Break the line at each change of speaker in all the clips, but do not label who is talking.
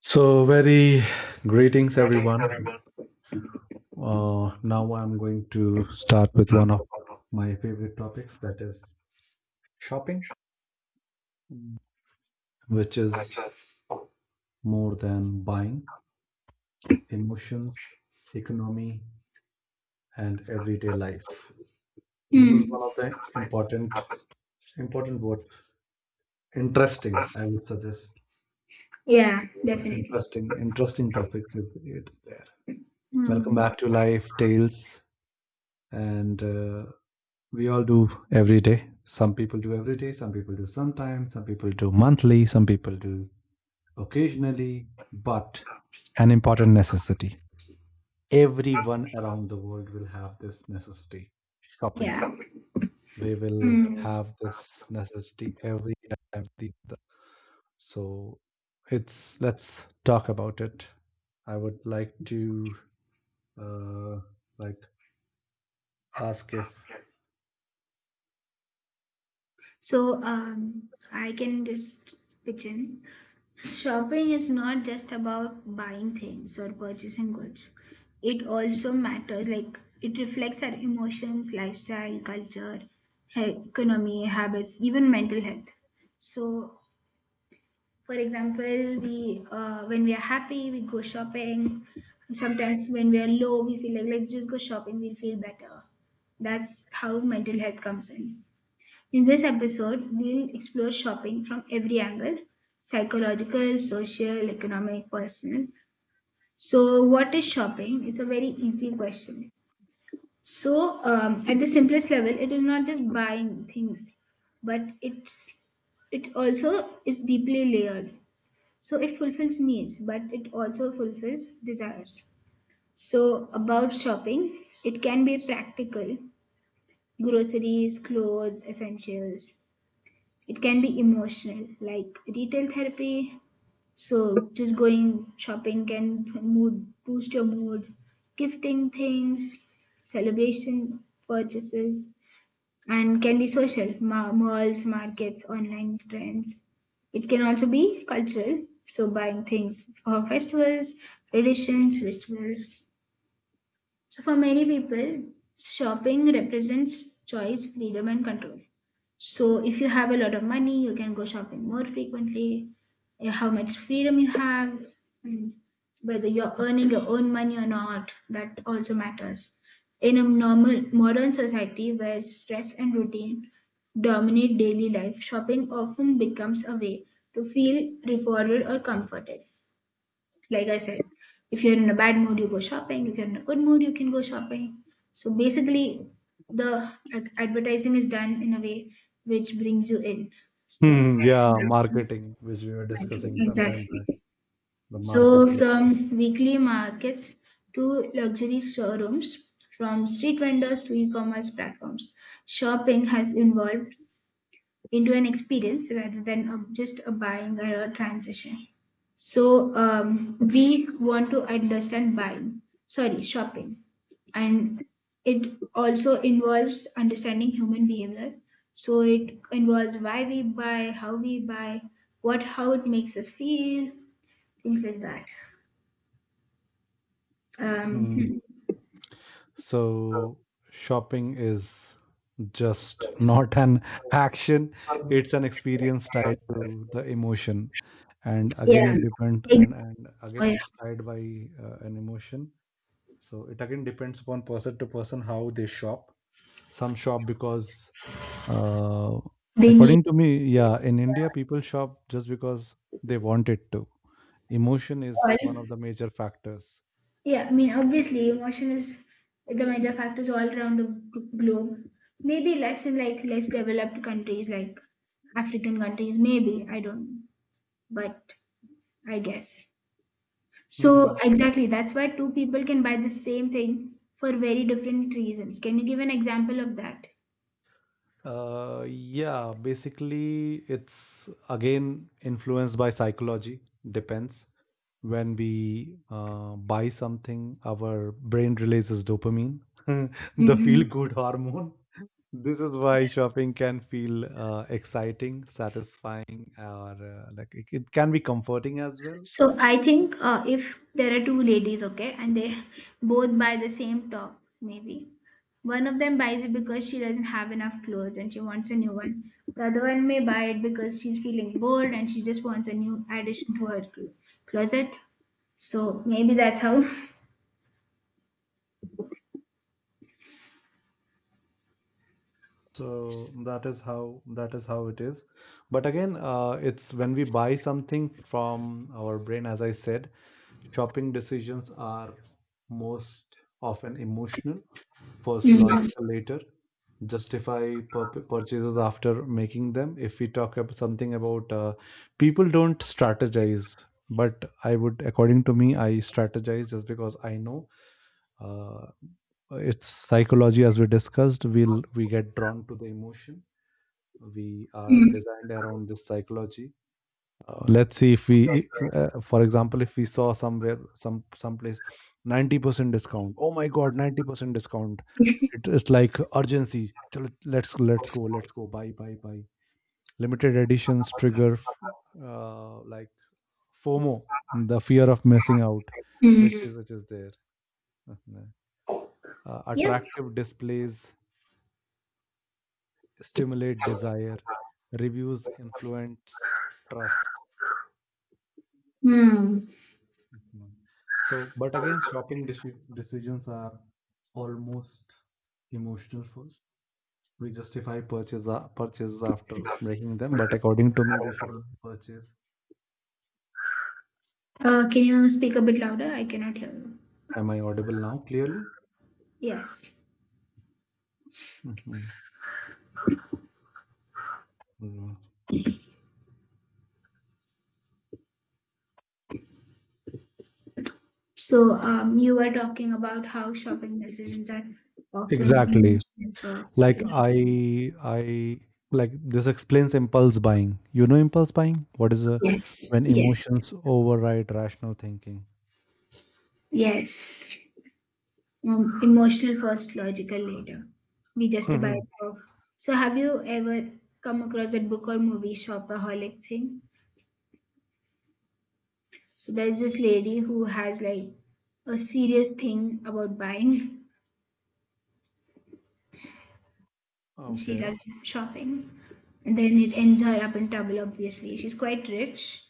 So, very greetings, everyone. Now, I'm going to start with one of my favorite topics that is shopping, which is more than buying, emotions, economy, and everyday life. This is
Mm,
one of the important word, interesting. I would suggest
yeah,
uh,
definitely.
interesting, interesting topics if it's there. Welcome
Mm,
back to Life Tales, and we all do every day. Some people do every day, some people do sometimes, some people do monthly, some people do occasionally, but an important necessity. Everyone around the world will have this necessity shopping.
yeah.
They will
Mm.
have this necessity every time. They So it's let's talk about it. I would like to uh, like ask if
So I can just pitch in. Shopping is not just about buying things or purchasing goods. It also matters, like, it reflects our emotions, lifestyle, culture, economy, habits, even mental health. So for example, we when we are happy, we go shopping. Sometimes when we are low, we feel like let's just go shopping. We'll feel better. That's how mental health comes in. In this episode, we'll explore shopping from every angle, psychological, social, economic, personal. So, what is shopping? It's a very easy question. At the simplest level, it is not just buying things, but it also is deeply layered. So it fulfills needs, but it also fulfills desires. So about shopping, it can be practical, groceries, clothes, essentials. It can be emotional, like retail therapy. So just going shopping can mood boost your mood, gifting things, celebration purchases, and can be social, malls, markets, online trends. It can also be cultural, so buying things for festivals, traditions, rituals. So, for many people, shopping represents choice, freedom, and control. So, if you have a lot of money, you can go shopping more frequently. How much freedom you have, and whether you're earning your own money or not, that also matters. In a normal modern society where stress and routine dominate daily life, shopping often becomes a way to feel rewarded or comforted. Like I said, if you're in a bad mood, you go shopping. If you're in a good mood, you can go shopping. So basically, the advertising is done in a way which brings you in. So
Hmm,
that's a
yeah,
big
marketing, which we were
marketing.
discussing sometime
Exactly.
back, the
So
marketing stuff.
from weekly markets to luxury showrooms, from street vendors to e-commerce platforms, shopping has evolved into an experience rather than just a buying or a transaction. We want to understand buying, sorry, shopping, and it also involves understanding human behavior. So it involves why we buy, how we buy, what how it makes us feel, things like that.
Mm.
Um,
So shopping is just not an action, it's an experience tied to the emotion. And again, it depends,
ex-
and
oh
again,
yeah,
it's tied by an emotion. So it again depends upon person to person how they shop. Some shop because, uh,
they need
according to me, yeah, in India, people shop just because they want it to. Emotion is
all.
one of the major factors.
Yeah, I mean, obviously, emotion is the major factors all around the globe. Maybe less in like less developed countries, like African countries. Maybe I don't, but I guess. So exactly, that's why two people can buy the same thing for very different reasons. Can you give an example of that?
Yeah, basically, it's again influenced by psychology, depends. When we buy something, our brain releases dopamine, the feel
Mhm.
good hormone. This is why shopping can feel exciting, satisfying, or like it can be comforting as well.
So I think if there are two ladies, okay, and they both buy the same top, maybe one of them buys it because she doesn't have enough clothes and she wants a new one. The other one may buy it because she's feeling bored and she just wants a new addition to her closet. So maybe that's how.
So that is how it is. But again, it's when we buy something from our brain, as I said, shopping decisions are most often emotional, first
Hmm.
logical, later justify purchases after making them. If we talk about something about people don't strategize, but I would, according to me, I strategize just because I know uh, it's psychology as we discussed. We get drawn to the emotion. We are
Mm.
designed around this psychology. Let's see if we for example if we saw somewhere someplace 90% discount, oh my god, 90% discount, it's like urgency. Chalo, let's go buy limited editions trigger like fomo, the fear of missing out, which
Mm.
is which is there. Mhm. uh,
Yep.
attractive displays stimulate desire, reviews influence trust.
Mm.
Mhm. So, but again, shopping decisions are almost emotional first. We justify purchases after making them, but according to me, we should only purchase.
Can you speak a bit louder? I cannot hear you.
Am I audible now clearly?
Yes.
Mhm. Mhm.
So, you were talking about how shopping decisions are often
Exactly.
emotional first,
Like
logical.
I like this explains impulse buying. You know, impulse buying. What is a
Yes,
when
yes,
emotions override rational thinking?
yes. Emotional first, logical later. We just about
Mhm.
off. So, have you ever come across that book or movie shopaholic thing? So, there's this lady who has like a serious thing about buying. She
Okay.
loves shopping. And then it ends her up in trouble, obviously. She's quite rich,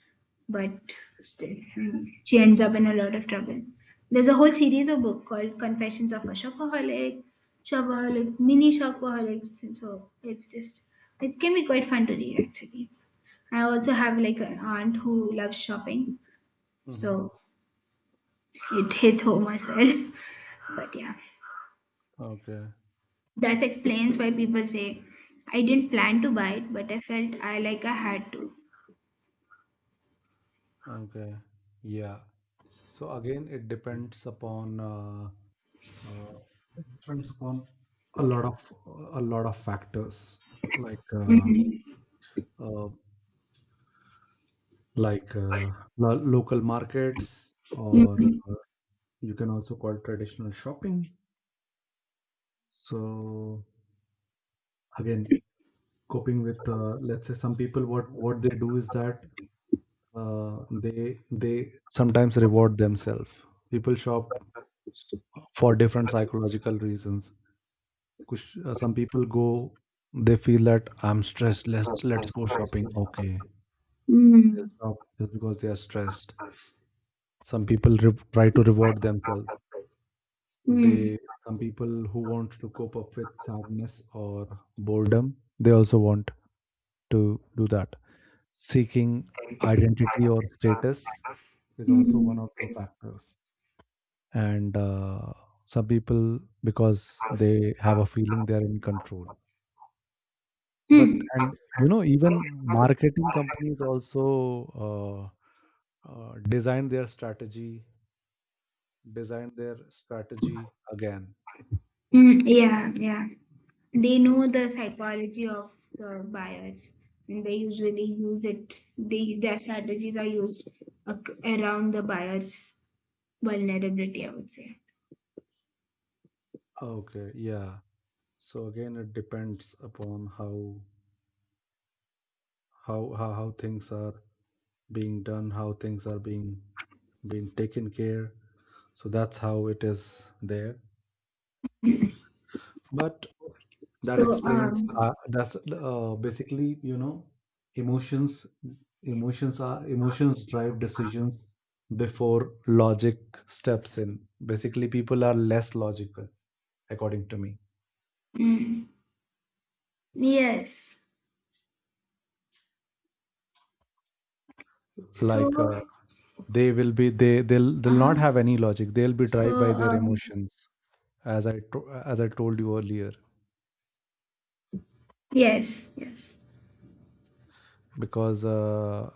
but still, I mean, she ends up in a lot of trouble. There's a whole series of book called Confessions of a Shopaholic, Shopaholic, Mini Shopaholics. So it's just, it can be quite fun to read, actually. I also have like an aunt who loves shopping,
Hmm.
so it hits home as well. But yeah.
Okay.
That explains why people say, I didn't plan to buy it, but I felt I like I had to.
Okay. Yeah. So again, uh, it depends upon a lot of a lot of factors like
Mm,
uh, like uh, local markets, or
mm,
you can also call traditional shopping. So again, coping with let's say some people, what they do is that they sometimes reward themselves. People shop for different psychological reasons. Kush, some people go, they feel that I'm stressed. Let's go shopping. Okay, they
mm,
stop just because they are stressed. Some people try to reward themselves.
mm,
They some people who want to cope up with sadness or boredom, they also want to do that. Seeking identity or status is also one
mm,
of the factors. And some people because they have a feeling they are in control. But and you know, even marketing companies also uh, uh, design their strategy, design their strategy again.
mm. Yeah, yeah. They know the psychology of the buyers and they usually use it. They, their strategies are used around the buyer's vulnerability, I would say.
Okay, yeah. So again, it depends upon how things are being done, how things are being taken care. So that's how it is there. But that
So,
explains
um,
that's basically you know, emotions emotions drive decisions before logic steps in. Basically people are less logical according to me,
mm, yes. So,
like they will be they
uh
they'll
huh.
not have any logic, they'll be
So,
driven by their
um,
emotions. As i to- as I told you earlier,
yes, yes.
because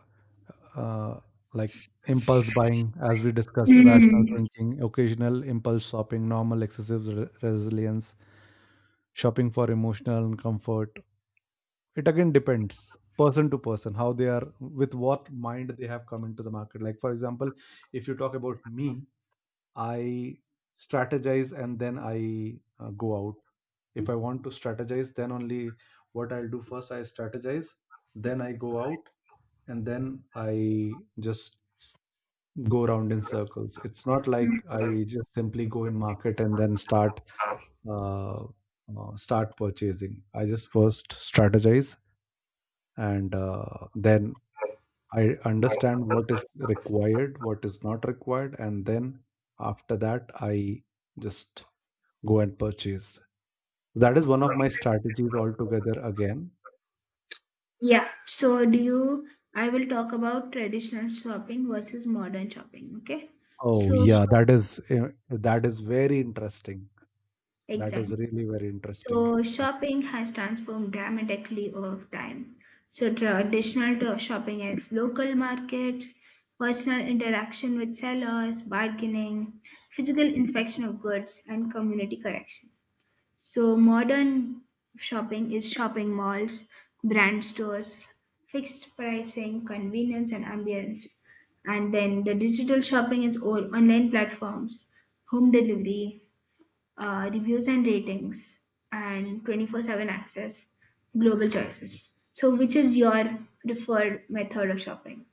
uh, like impulse buying as we discuss, rational
Mm.
thinking, occasional impulse shopping normal excessive resilience shopping for emotional and comfort. It again depends person to person how they are, with what mind they have come into the market. Like for example, if you talk about me, I strategize and then I go out. If I want to strategize then only, what I'll do first, I strategize, then I go out, and then I just go around in circles. It's not like I just simply go in market and then start uh, start purchasing. I just first strategize and then I understand what is required, what is not required, and then after that I just go and purchase. That is one of my strategies altogether again.
Yeah, so do you? I will talk about traditional shopping versus modern shopping, okay?
Oh
So,
yeah,
shopping,
that is very interesting. That is
exactly.
really very interesting.
So, shopping has transformed dramatically over time. So, traditional to shopping is local markets, personal interaction with sellers, bargaining, physical inspection of goods, and community correction. So modern shopping is shopping malls, brand stores, fixed pricing, convenience and ambience. And then the digital shopping is all online platforms, home delivery, reviews and ratings, and 24/7 access, global choices. So which is your preferred method of shopping?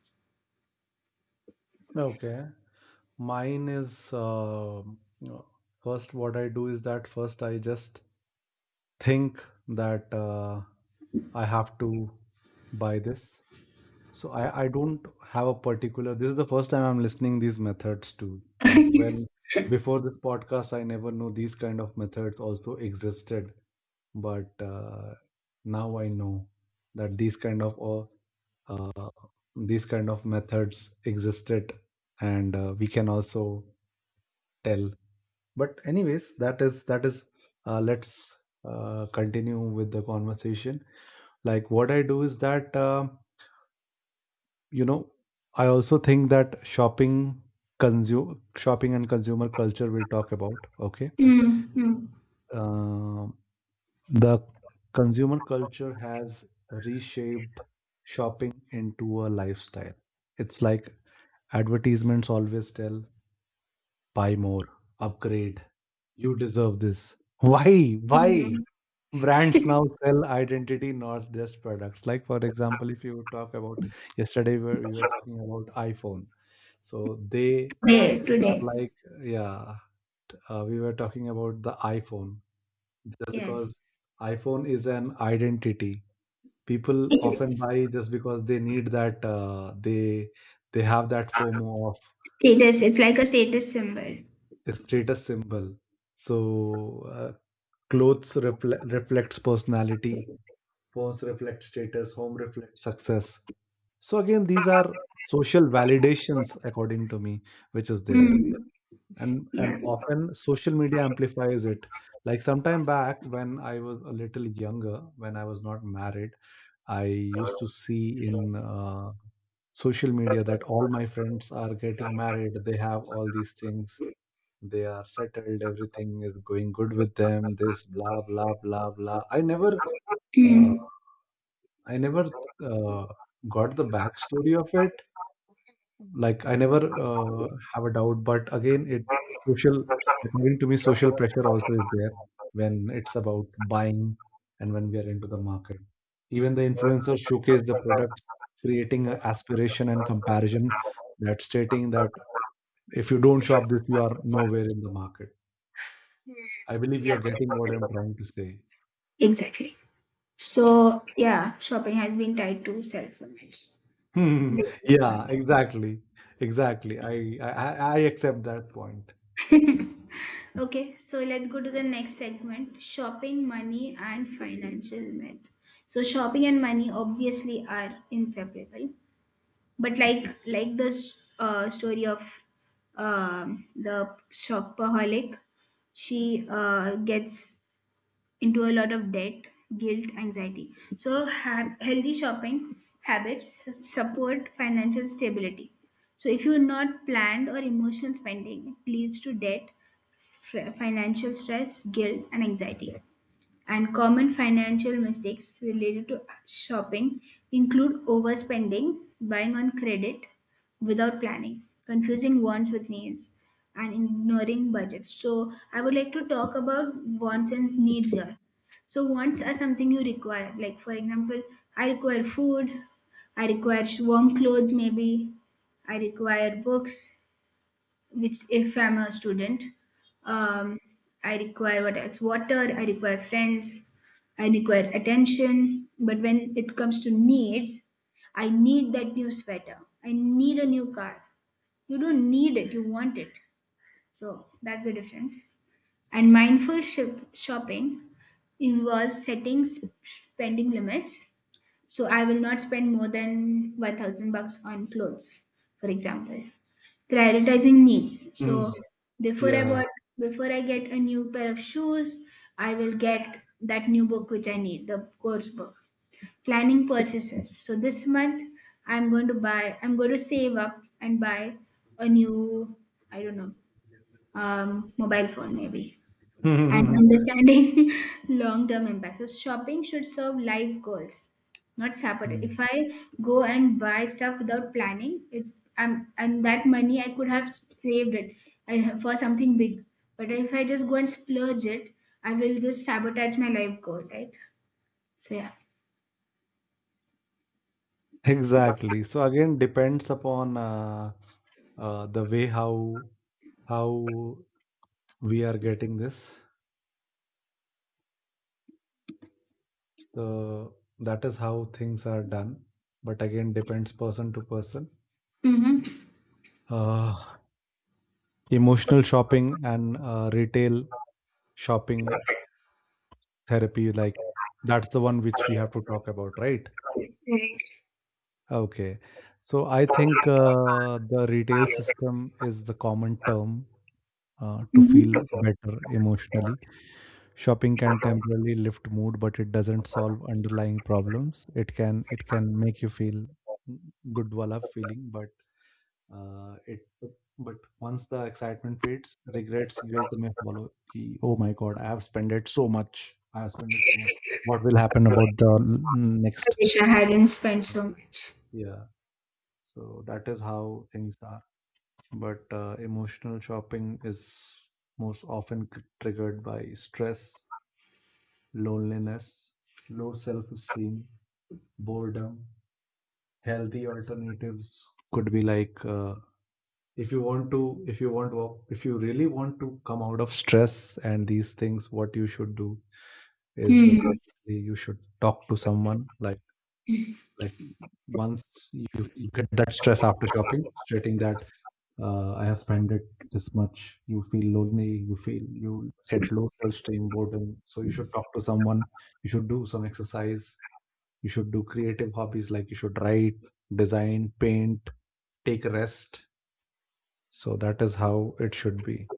Okay. Mine is first, what I do is that first I just think that I have to buy this. So I don't have a particular. This is the first time I'm listening these methods to like when before this podcast, I never knew these kind of methods also existed. But now I know that uh, uh, these kind of methods existed, and we can also tell, but anyways that is let's continue with the conversation. Like what I do is that you know, I also think that shopping, consume shopping and consumer culture, we'll talk about. Okay,
Mm, mm,
uh, the consumer culture has reshaped shopping into a lifestyle. It's like advertisements always tell buy more, upgrade, you deserve this. Why? Why?
mm.
Brands now sell identity, not just products. Like, for example, if you talk about yesterday, we were talking about iPhone. So they
Today,
are
today.
like, yeah, we were talking about the iPhone just
Yes.
because iPhone is an identity. People
It
often
is.
buy just because they need that. They have that FOMO of
Status, it's like a status symbol.
a status symbol. So clothes reflects personality, phones reflect status, home reflects success. So again, these are social validations, according to me, which is there.
Mm.
And
Yeah.
often social media amplifies it. Like sometime back when I was a little younger, when I was not married, I used to see in social media that all my friends are getting married. They have all these things, they are settled, everything is going good with them, this blah blah blah blah. I never uh,
Mm.
i never uh, got the backstory of it. Like I never uh, have a doubt, but again it social, according to me, social pressure also is there when it's about buying. And when we are into the market, even the influencers showcase the product, creating a aspiration and comparison, that stating that if you don't shop this you are nowhere in the market.
Mm.
I believe
Yeah,
you're getting what I'm trying to say.
exactly. So, yeah, shopping has been tied to self-image.
Hmm.
Which is
Yeah, exactly. Exactly. I I accept that point.
why. Okay, so let's go to the next segment, shopping, money, and financial myth. So shopping and money obviously are inseparable, but like like the story of the shopaholic, she gets into a lot of debt, guilt, anxiety. So, healthy shopping habits support financial stability. So, if you're not planned or emotional spending, it leads to debt, financial stress, guilt, and anxiety, and common financial mistakes related to shopping include overspending, buying on credit without planning, confusing wants with needs, and ignoring budgets. So, I would like to talk about wants and needs here. So, wants are something you require, like, for example, I require food, I require warm clothes, maybe, I require books, which if I'm a student, um, I require what else? Water, I require friends, I require attention. But when it comes to needs, I need that new sweater. I need a new car. You don't need it, you want it. So that's the difference. And mindful ship shopping involves setting spending limits, so I will not spend more than 1,000 bucks on clothes, for example. Prioritizing needs.
Hmm.
So before I
Yeah.
bought, before I get a new pair of shoes, I will get that new book which I need, the course book. Planning purchases. So this month I'm going to save up and buy a new, I don't know, mobile phone maybe, and
Hmm.
understanding long-term impacts. So shopping should serve life goals, not sabotage. If I go and buy stuff without planning, and that money I could have saved it I for something big. But if I just go and splurge it, I will just sabotage my life goal, right? So yeah.
Exactly. So again, depends upon the way how we are getting this. So that is how things are done. But again, depends person to person.
Mm-hmm.
Uh, emotional shopping and retail shopping therapy, like that's the one which we have to talk about, right? Okay, so I think the retail system is the common term to
Mm-hmm.
feel better emotionally. Shopping can temporarily lift mood, but it doesn't solve underlying problems. It can make you feel good while feeling, but it but once the excitement fades, regrets, guilt may follow. Ki, oh my God, I have spent it so much. I have spent it so much. What will happen about the l-
I
next?
wish I hadn't spent so much.
Yeah. So that is how things are. But emotional shopping is most often triggered by stress, loneliness, low self-esteem, boredom. Healthy alternatives could be like if you want to if you want to, if you really want to come out of stress and these things, what you should do is
Hmm.
basically you should talk to someone, like once you, you get that stress after shopping stating that I have spent it this much, you feel lonely, you feel you get low self-esteem, boredom, so you should talk to someone, you should do some exercise, you should do creative hobbies, like you should write, design, paint, take a rest. So that is how it should be.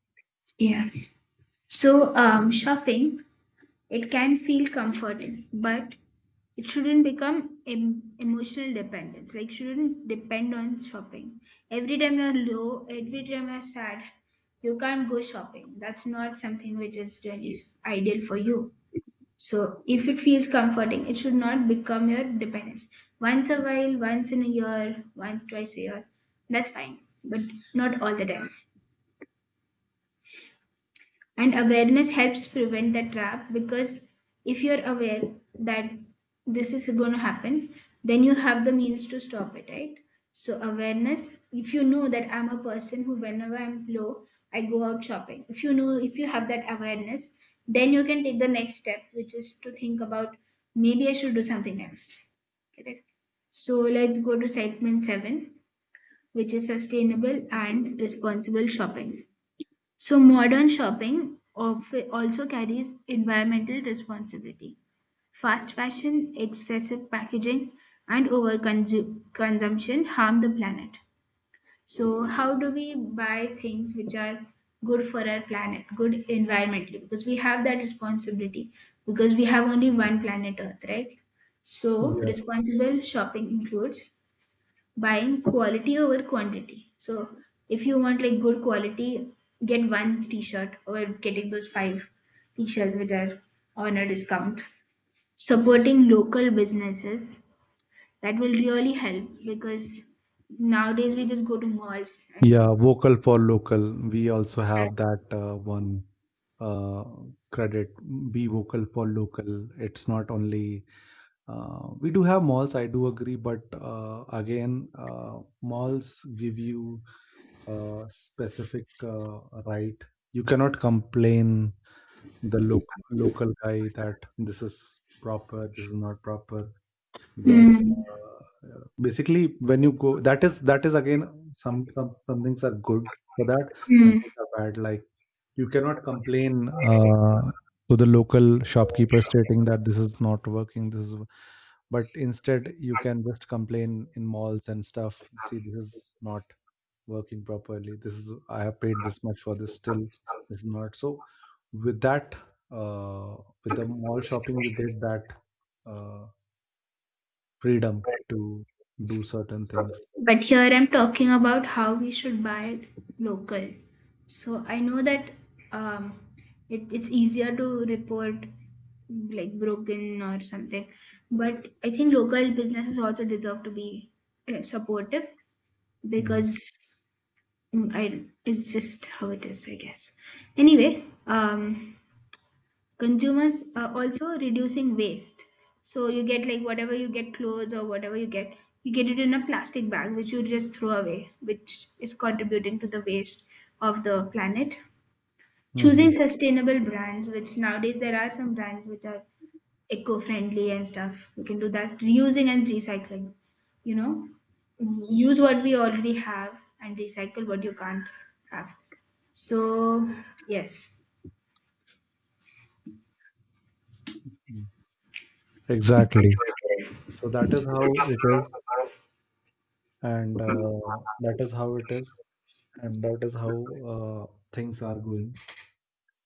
Yeah. Shopping. It can feel comforting, but it shouldn't become emotional dependence. Like, shouldn't depend on shopping. Every time you're low, every time you're sad, you can't go shopping. That's not something which is really ideal for you. So, if it feels comforting, it should not become your dependence. Once a while, once in a year, once, twice a year, that's fine, but not all the time. And awareness helps prevent the trap because if you're aware that this is going to happen, then you have the means to stop it, right? So, awareness, if you know that I'm a person who, whenever I'm low, I go out shopping. If you know, if you have that awareness, then you can take the next step, which is to think about maybe I should do something else. Correct. So, let's go to segment seven, which is sustainable and responsible shopping. So modern shopping also carries environmental responsibility. Fast fashion, excessive packaging, and over consumption harm the planet. So how do we buy things which are good for our planet, good environmentally? Because we have that responsibility. Because we have only one planet Earth, right? So
Yeah.
responsible shopping includes buying quality over quantity. So if you want like good quality, get one t-shirt over getting those five t-shirts which are on a discount. Supporting local businesses that will really help because nowadays we just go to malls and...
Yeah, vocal for local. We also have that one uh, credit. Be vocal for local. It's not only we do have malls. I do agree, but again, malls give you a specific right. You cannot complain the local guy that this is proper, this is not proper. But,
Mm.
basically, when you go that is again, some things are good for that, some
Mm.
things are bad. Like, you cannot complain, to the local shopkeeper stating that this is not working, this is but instead, you can just complain in malls and stuff. "See, this is not working properly. This is I have paid this much for this, still this is not." So with that, uh, with the mall shopping, you get that, uh freedom to do certain things.
But here I'm talking about how we should buy local. So I know that um, it's easier to report like broken or something, but I think local businesses also deserve to be supportive
Mhm.
because mm, I it's just how it is, I guess. Anyway, consumers are also reducing waste, so you get like whatever you get clothes or whatever you get, you get it in a plastic bag which you just throw away, which is contributing to the waste of the planet, choosing
Mhm.
sustainable brands, which nowadays there are some brands which are eco-friendly and stuff. You can do that, reusing and recycling. You know, use what we already have and recycle what you can't have. So yes.
Mm. Exactly. So that is how it is, and that is how it is, and that is how uh, things are going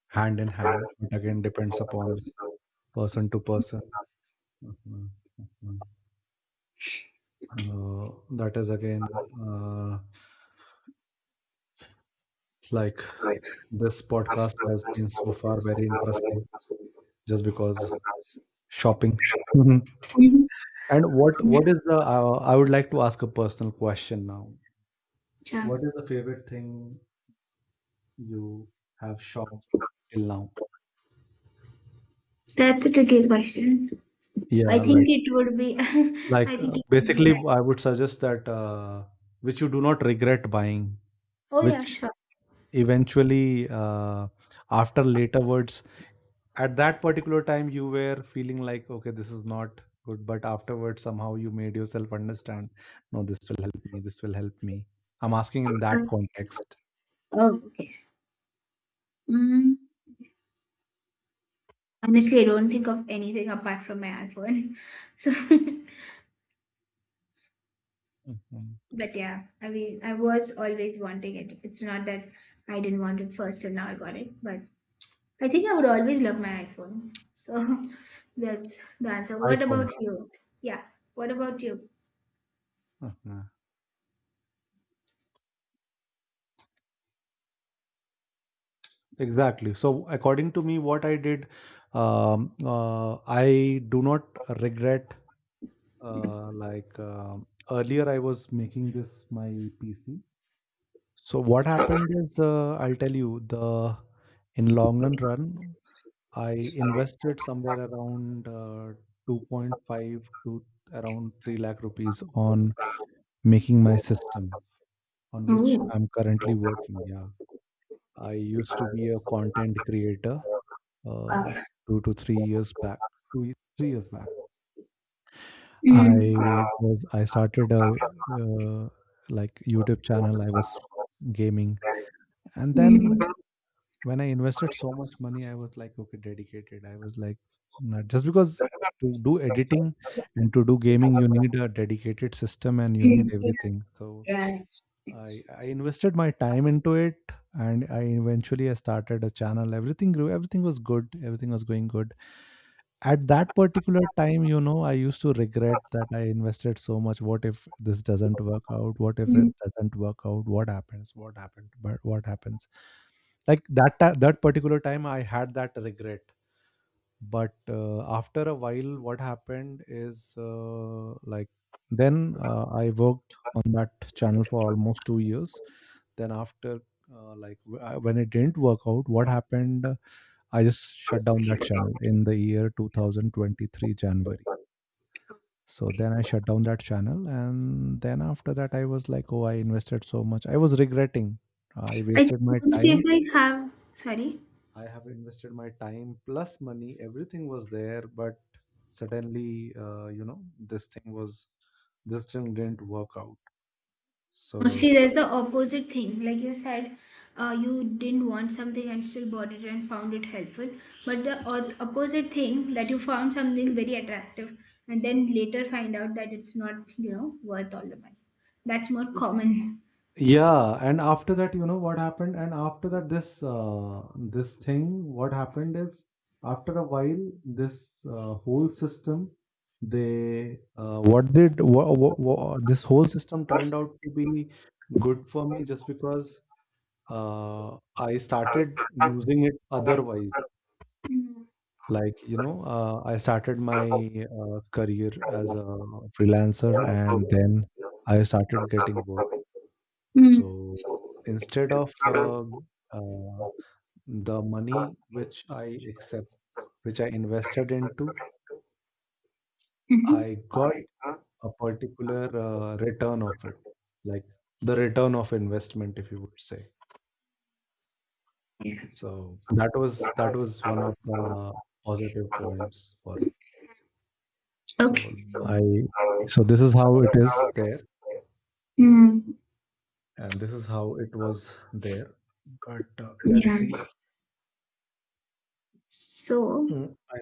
hand in hand. But again, depends upon person to person. Mhm. Mhm. That is again uh, like this podcast has been so far very interesting just because shopping.
Mhm.
And what is the I would like to ask a personal question now.
Yeah.
What is the favorite thing you have shopped till now?
That's a tricky question. I
Yeah,
think
like
it would be, I think it would be
basically,
my,
I would suggest that which you do not regret buying,
oh yeah,
which
sure.
eventually after later words at that particular time you were feeling like okay this is not good, but afterwards somehow you made yourself understand no this will help me this will help me. I'm asking in that
Um,
context.
oh, okay. Mm, honestly, I don't think of anything apart from my iPhone. So,
Mhm.
but yeah, I mean, I was always wanting it. It's not that I didn't want it first and now I got it, but I think I would always love my iPhone. So, that's the answer. What
iPhone.
about you? Yeah, what about you?
Uh-huh. Exactly. So, according to me, what I did, I do not regret. Like earlier, I was making this my PC. So, what happened is, I'll tell you the in long and run, I invested somewhere around 2.5 to around 3 lakh rupees on making my system on which
Oh,
I'm currently working. Yeah. I used to be a content creator uh,
wow.
2 to 3 years back. two, ye- 3 years back.
Mm,
I started a uh, like YouTube channel. I was gaming, and then
mm,
when I invested so much money, I was like, okay, dedicated. I was like, not just because to do editing and to do gaming, you need a dedicated system and you need
mm,
everything. So
yeah.
I invested my time into it, and I eventually I started a channel. Everything grew. Everything was good. Everything was going good. At that particular time, you know, I used to regret that I invested so much. What if this doesn't work out? What if
Yeah.
it doesn't work out? What happens? What happened? But what happens? Like that particular time, I had that regret. But after a while, what happened is like then I worked on that channel for almost 2 years. Then after when it didn't work out, what happened? I just shut down that channel in the year 2023 January. So then I shut down that channel. And then after that, I was like, oh, I invested so much. I was regretting. I
I think
wasted my
most
time.
people have, sorry,
I have invested my time plus money. Everything was there. But suddenly, you know, this thing was, this thing didn't work out.
mostly
So
there's the opposite thing. Like you said, you didn't want something and still bought it and found it helpful. But the opposite thing, that you found something very attractive and then later find out that it's not, you know, worth all the money. That's more common.
yeah, and after that, you know what happened? And after that, this thing, what happened is after a while, this whole system, they what did what, this whole system turned out to be good for me just because I started using it otherwise.
Mm-hmm.
Like you know, I started my career as a freelancer, and then I started getting bored so instead of uh, the money which I accept, which I invested into, I got a particular return of it, like the return of investment, if you would say. So that was one of the positive points for it. So
Okay.
I so this is how it is there,
Mm,
and this is how it was there. But let's
yeah.
see.
So,
Mm, I,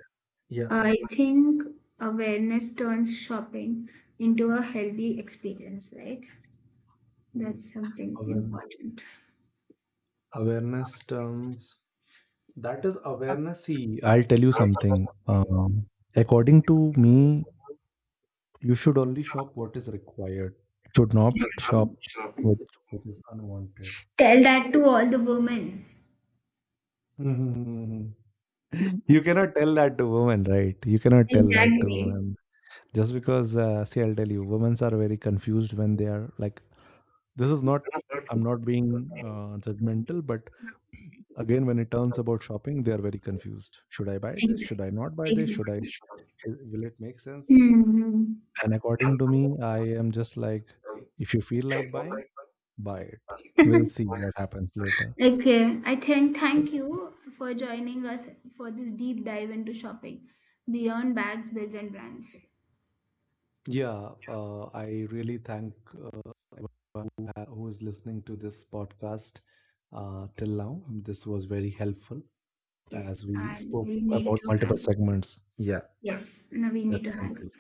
yeah,
I think awareness turns shopping into a healthy experience, right? That's something
awa-
important.
awareness terms. That is awareness. See, I'll tell you something. According to me, you should only shop what is required. Should not shop which which is unwanted.
Tell that to all the women.
Mhm. You cannot tell that to women, right? You cannot tell that to
Exactly.
women. Just because, see, I'll tell you, women are very confused when they are like this is not I'm not being judgmental, but again, when it turns about shopping, they are very confused. Should I buy this?
Exactly.
Should I not buy this? Should I?
Exactly.
Will it make sense?
Hmm.
And according to me, I am just like, if you feel like buying, buy it. We'll see what happens later.
Okay. I think
So,
thank you for joining us for this deep dive into shopping beyond bags, bills, and brands.
yeah, I really thank everyone who, who is listening to this podcast till now. This was very helpful
Yes,
as we
and
spoke
we need
about
to
multiple
hang up.
segments. Yeah.
Yes, no, we need
That's
to hang up.
conclude.